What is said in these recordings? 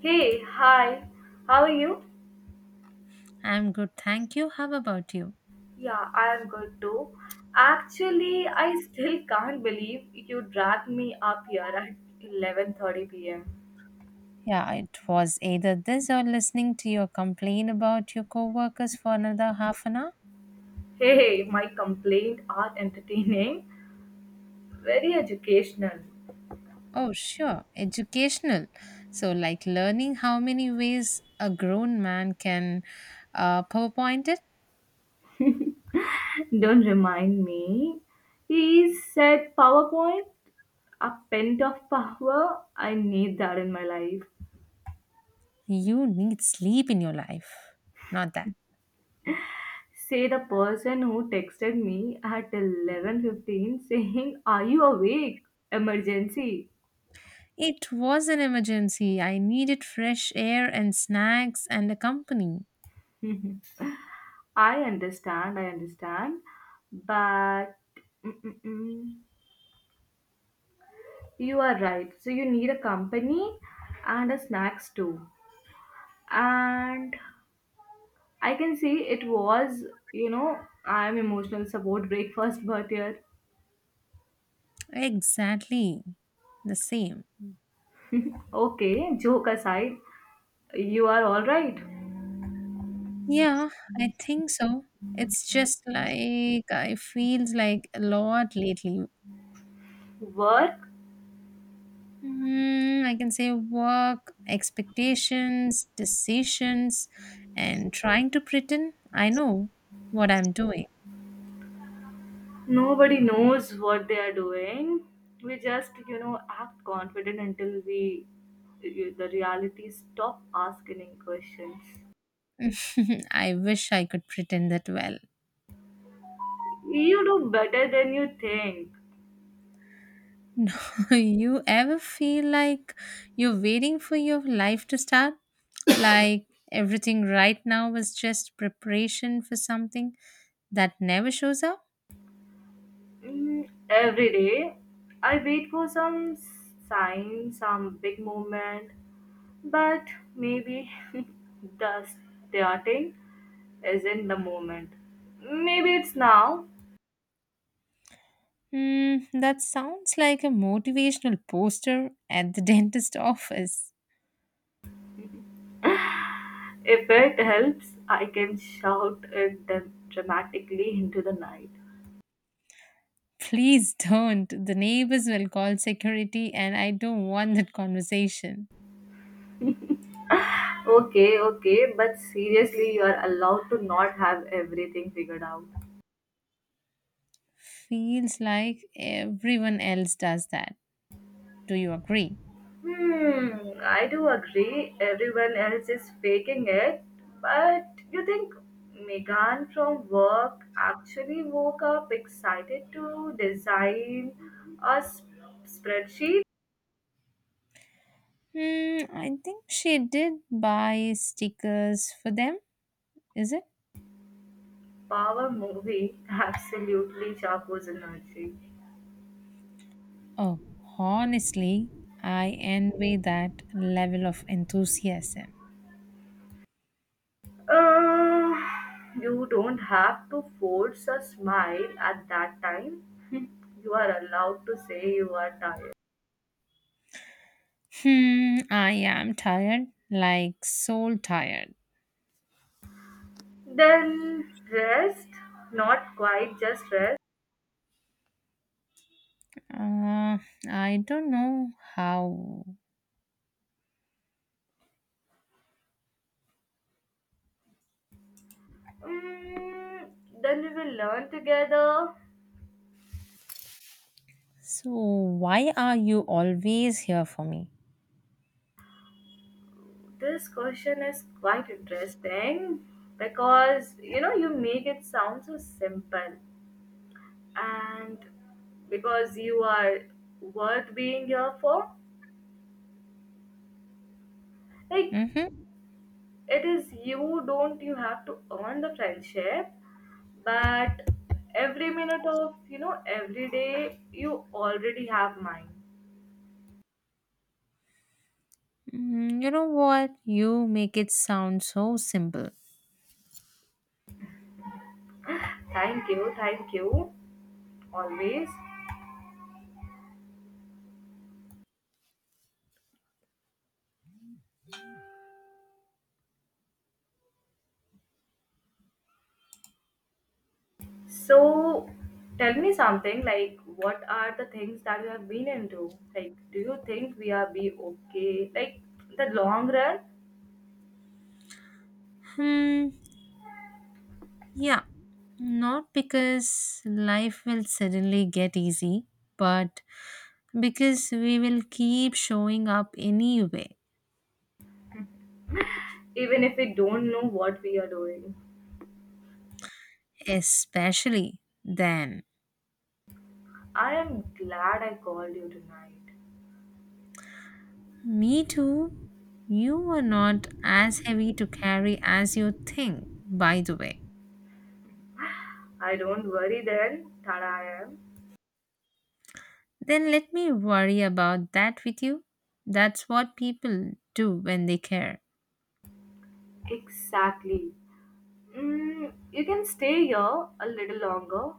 Hey, hi. How are you? I'm good, thank you. How about you? Yeah, I am good too. Actually, I still can't believe you dragged me up here at 11:30 p.m. Yeah, it was either this or listening to your complaint about your coworkers for another half an hour. Hey, hey, my complaints are entertaining, very educational. Oh, sure, educational. So, like learning how many ways a grown man can PowerPoint it, Don't remind me. He said PowerPoint, a pint of power. I need that in my life. you need sleep in your life. Not that. Say the person who texted me at 11:15 saying, "Are you awake? Emergency." It was an emergency. I needed fresh air and snacks and a company. Mhm. I understand, but mm, mm, mm. you are right. So you need a company and a snacks too. And I can see it was, you know, I'm emotional support breakfast, but here, Exactly the same. okay, joke aside, you are all right. Yeah, I think so. It's just like I feels like a lot lately. Work, Mm, I can say work, expectations, decisions, and trying to pretend I know what I'm doing. nobody knows what they are doing. We just, act confident until we, the reality stop asking questions. I wish I could pretend that well. You do better than you think. No, you ever feel like you're waiting for your life to start? Like everything right now was just preparation for something that never shows up? Mm, every day, I wait for some sign, some big moment, but maybe the starting isn't the moment. Maybe it's now. Hmm, that sounds like a motivational poster at the dentist office. If it helps, I can shout it dramatically into the night. Please don't. The neighbors will call security, and I don't want that conversation. Okay, okay, but seriously, you are allowed to not have everything figured out. Feels like everyone else does that. Do you agree? Hmm, I do agree. Everyone else is faking it. But you think Megan from work actually woke up excited to design a s- spreadsheet? Hmm, I think she did buy stickers for them, is it? Power movie. Absolutely Chapo's energy. Oh, honestly, I envy that level of enthusiasm. Uh, you don't have to force a smile at that time. You are allowed to say you are tired. Hmm, I am tired, like soul tired. Then rest, not quite just rest. Uh, I don't know how. Mm, then we will learn together. So, why are you always here for me? This question is quite interesting because you know you make it sound so simple and because you are worth being here for. Like Mm-hmm. it is you don't you have to earn the friendship but every minute of you know every day you already have mine. Mm, you know what? You make it sound so simple. Thank you always. So tell me something like what are the things that you have been into? Like do you think we are be okay? Like the long run, Hmm, yeah. Not because life will suddenly get easy, but because we will keep showing up anyway. even if we don't know what we are doing. Especially then. I am glad I called you tonight. Me too. You are not as heavy to carry as you think, by the way. I don't worry then that I am. Then let me worry about that with you. That's what people do when they care. Exactly. Mm, you can stay here a little longer.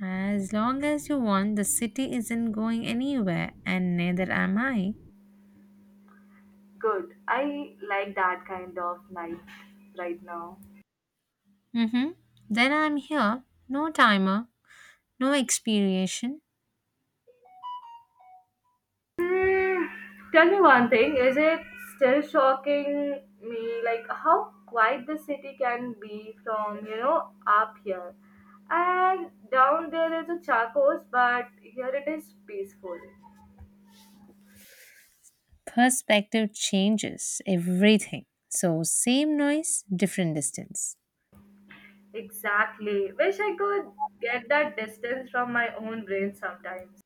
As long as you want, the city isn't going anywhere, and neither am I. Good. I like that kind of night right now. Mm-hmm. Then I'm here. No timer, no expiration. Mm, tell me one thing, is it still shocking me like how quiet the city can be from, up here? And down there is a charcos, but here it is peaceful. Perspective changes everything. So, same noise, different distance. Exactly. Wish I could get that distance from my own brain sometimes.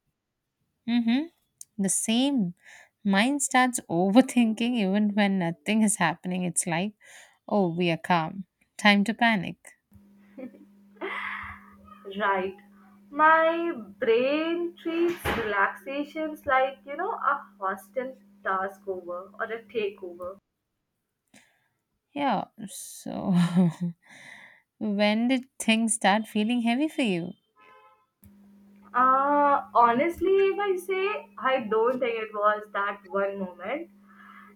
Mm-hmm. The same. Mind starts overthinking even when nothing is happening. It's like, oh, we are calm. Time to panic. Right. My brain treats relaxations like, a hostile task over or a takeover. Yeah, so when did things start feeling heavy for you? Honestly, if I say, I don't think it was that one moment.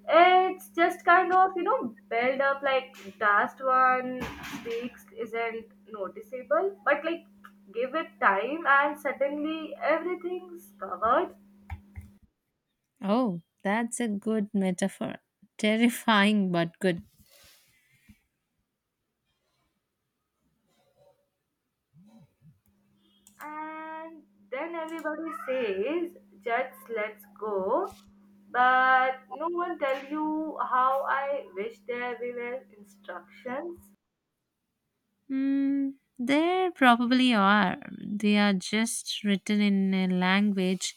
It's just kind of, build up like last one speaks isn't noticeable, but like give it time and suddenly everything's covered. Oh, that's a good metaphor. Terrifying but good. And then everybody says, just let's go. But no one tells you how I wish there were instructions, Mm, there probably are. They are just written in a language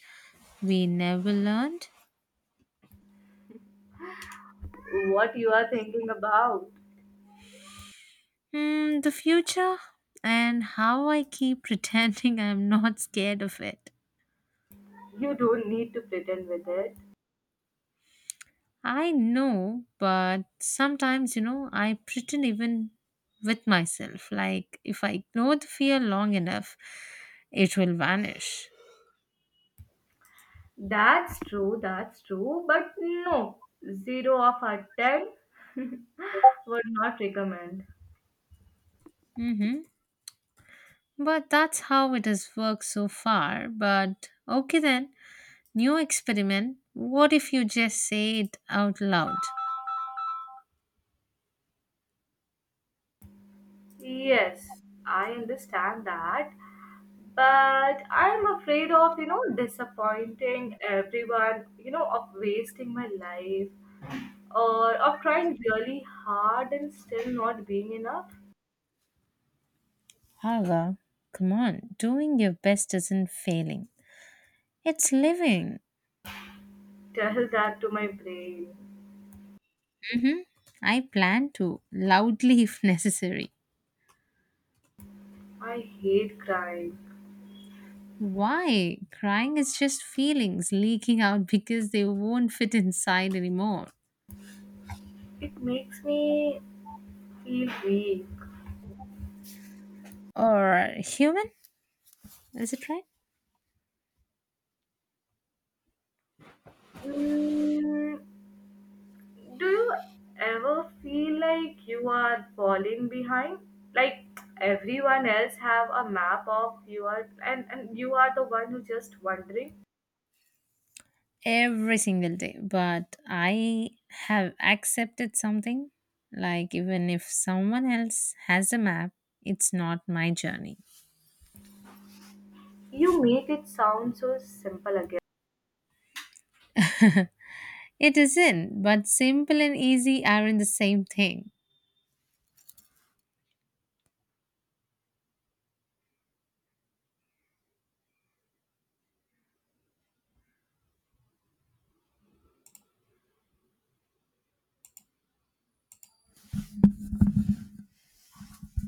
we never learned. what you are thinking about. Mm, the future and how I keep pretending I'm not scared of it. You don't need to pretend with it. I know, but sometimes I pretend even with myself. Like, if I ignore the fear long enough, it will vanish. That's true, but no, zero of a ten would not recommend. Mm-hmm. But that's how it has worked so far. But okay, then, new experiment. What if you just say it out loud? Yes, I understand that, but I'm afraid of, disappointing everyone, of wasting my life or of trying really hard and still not being enough. Haga, come on, doing your best isn't failing, it's living. Tell that to my brain. Mm-hmm. I plan to, loudly if necessary. I hate crying. Why? Crying is just feelings leaking out because they won't fit inside anymore. It makes me feel weak. Or human? Is it right? Mm, do you ever feel like you are falling behind? Like everyone else have a map of you are and you are the one who just wondering. Every single day. But I have accepted something. Like, even if someone else has a map, it's not my journey. You make it sound so simple again. it isn't, but simple and easy aren't the same thing.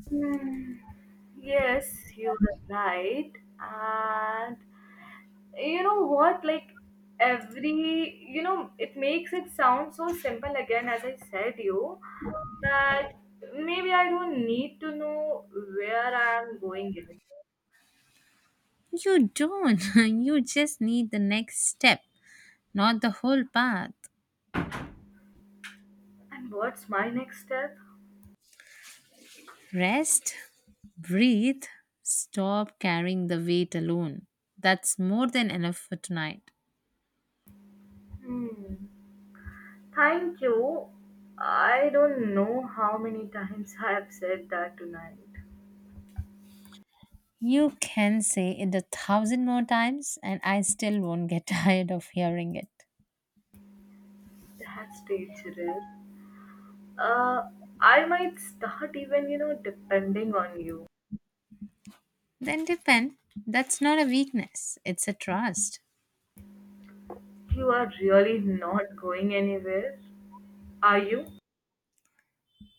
Hmm. Yes, you are right. And you know what like every you know it makes it sound so simple again as I said you that maybe I don't need to know where I am going even You don't. you just need the next step, not the whole path. and what's my next step. Rest, breathe, stop carrying the weight alone. That's more than enough for tonight. Hmm. Thank you. I don't know how many times I have said that tonight. You can say it a thousand more times, and I still won't get tired of hearing it. That's dangerous. uh I might start even, depending on you. Then depend. That's not a weakness, it's a trust. You are really not going anywhere, are you?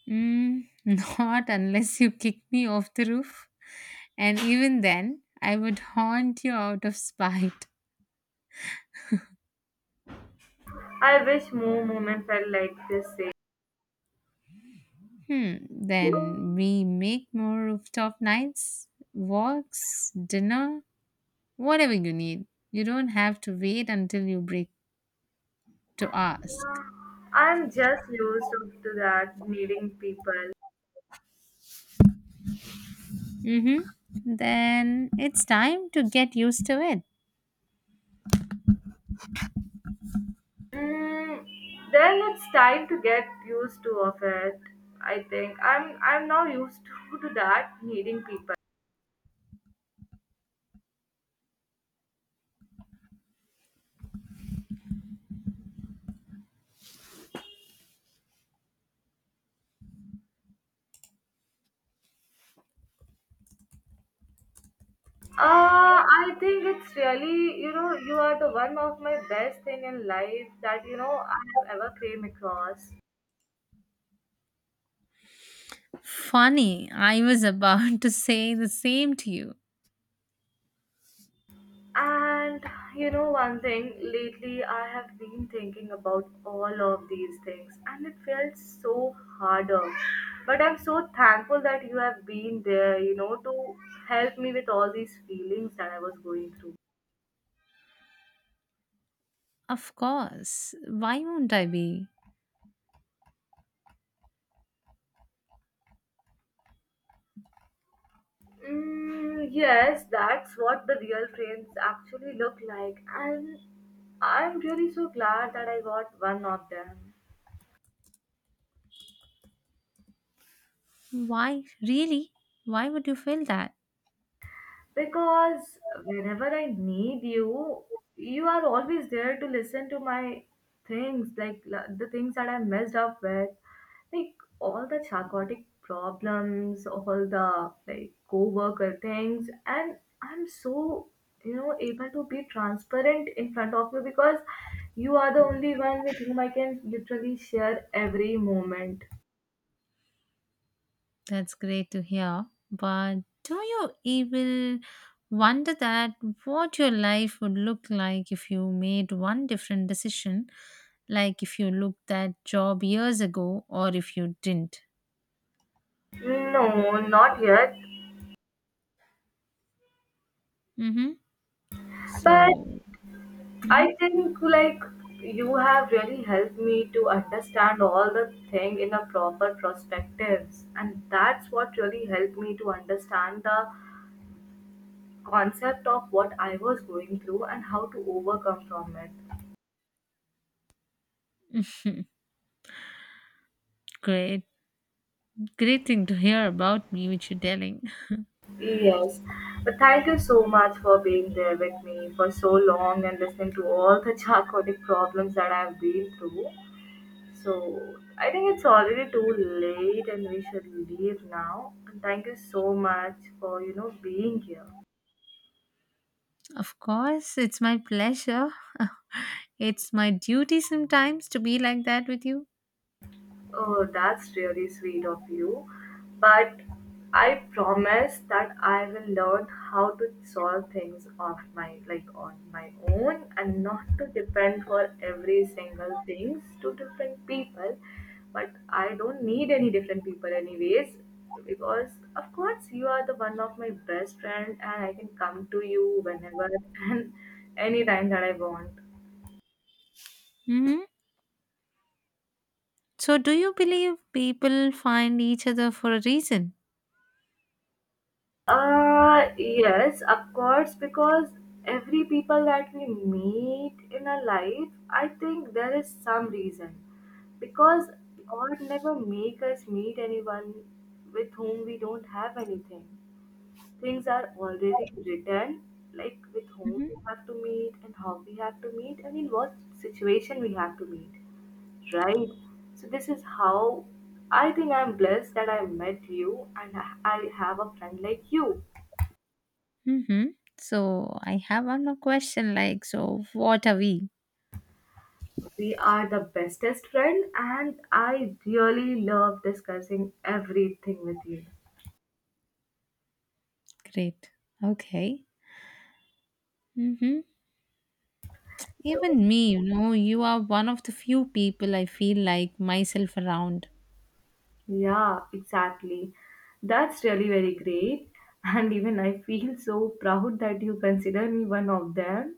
Mm, not unless you kick me off the roof. And even then, I would haunt you out of spite. I wish more moments felt like this. Say, Hmm, then we make more rooftop nights, walks, dinner, whatever you need. You don't have to wait until you break to ask. I'm just used up to that meeting people. Mm-hmm. Then it's time to get used to it. Mm, then it's time to get used to of it. I think I'm now used to that meeting people. I think it's really, you are the one of my best thing in life that, I have ever came across. Funny, I was about to say the same to you. And you know, one thing lately I have been thinking about all of these things, and it felt so harder. But I'm so thankful that you have been there, to help me with all these feelings that I was going through. Of course. Why won't I be? Mm, yes, that's what the real friends actually look like, and I'm really so glad that I got one of them. Why, really? Why would you feel that? Because whenever I need you, you are always there to listen to my things, like the things that I messed up with, like all the chaotic problems, all the like co-worker things, and I'm so able to be transparent in front of you because you are the only one with whom I can literally share every moment. That's great to hear. But do you even wonder that what your life would look like if you made one different decision, like if you looked at job years ago or if you didn't? No, not yet. Mm-hmm. But So, I mhm. think like you have really helped me to understand all the thing in a proper perspectives and that's what really helped me to understand the concept of what I was going through and how to overcome from it. Great, great thing to hear about me, which you're telling. Yes. But thank you so much for being there with me for so long and listening to all the charcotic problems that I've been through. So I think it's already too late and we should leave now. And thank you so much for being here. Of course, it's my pleasure. it's my duty sometimes to be like that with you. Oh, that's really sweet of you. But I promise that I will learn how to solve things off my like on my own and not to depend for every single things to different people. But I don't need any different people anyways because of course you are the one of my best friend and I can come to you whenever and anytime that I want. Hmm, so, do you believe people find each other for a reason? Yes, of course, because every people that we meet in our life, I think there is some reason. Because God never make us meet anyone with whom we don't have anything. Things are already written, like with whom Mhm, we have to meet and how we have to meet and in what situation we have to meet, right? So this is how I think I'm blessed that I met you and I have a friend like you. mhm. So I have one more question, like so what are we? We are the bestest friend, and I really love discussing everything with you. Great. Okay. Mm-hmm. So, Even me, you know, you are one of the few people I feel like myself around. yeah, exactly. That's really very great. And even I feel so proud that you consider me one of them.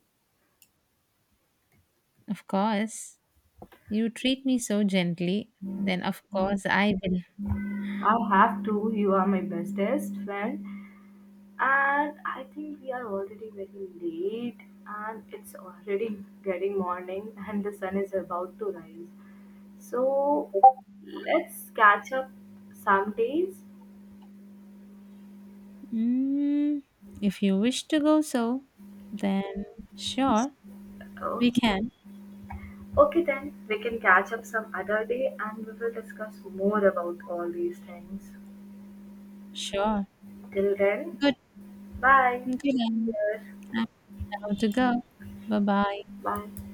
Of course, you treat me so gently, then of course I will. I have to. You are my bestest friend. And I think we are already very late, and it's already getting morning, and the sun is about to rise. So let's catch up some days. Mm, if you wish to go so, then sure, Oh, we can. okay then. We can catch up some other day and we will discuss more about all these things. Sure. Till then, Good. bye. Good. Take I'm care. I'm down to go. Bye bye. Bye.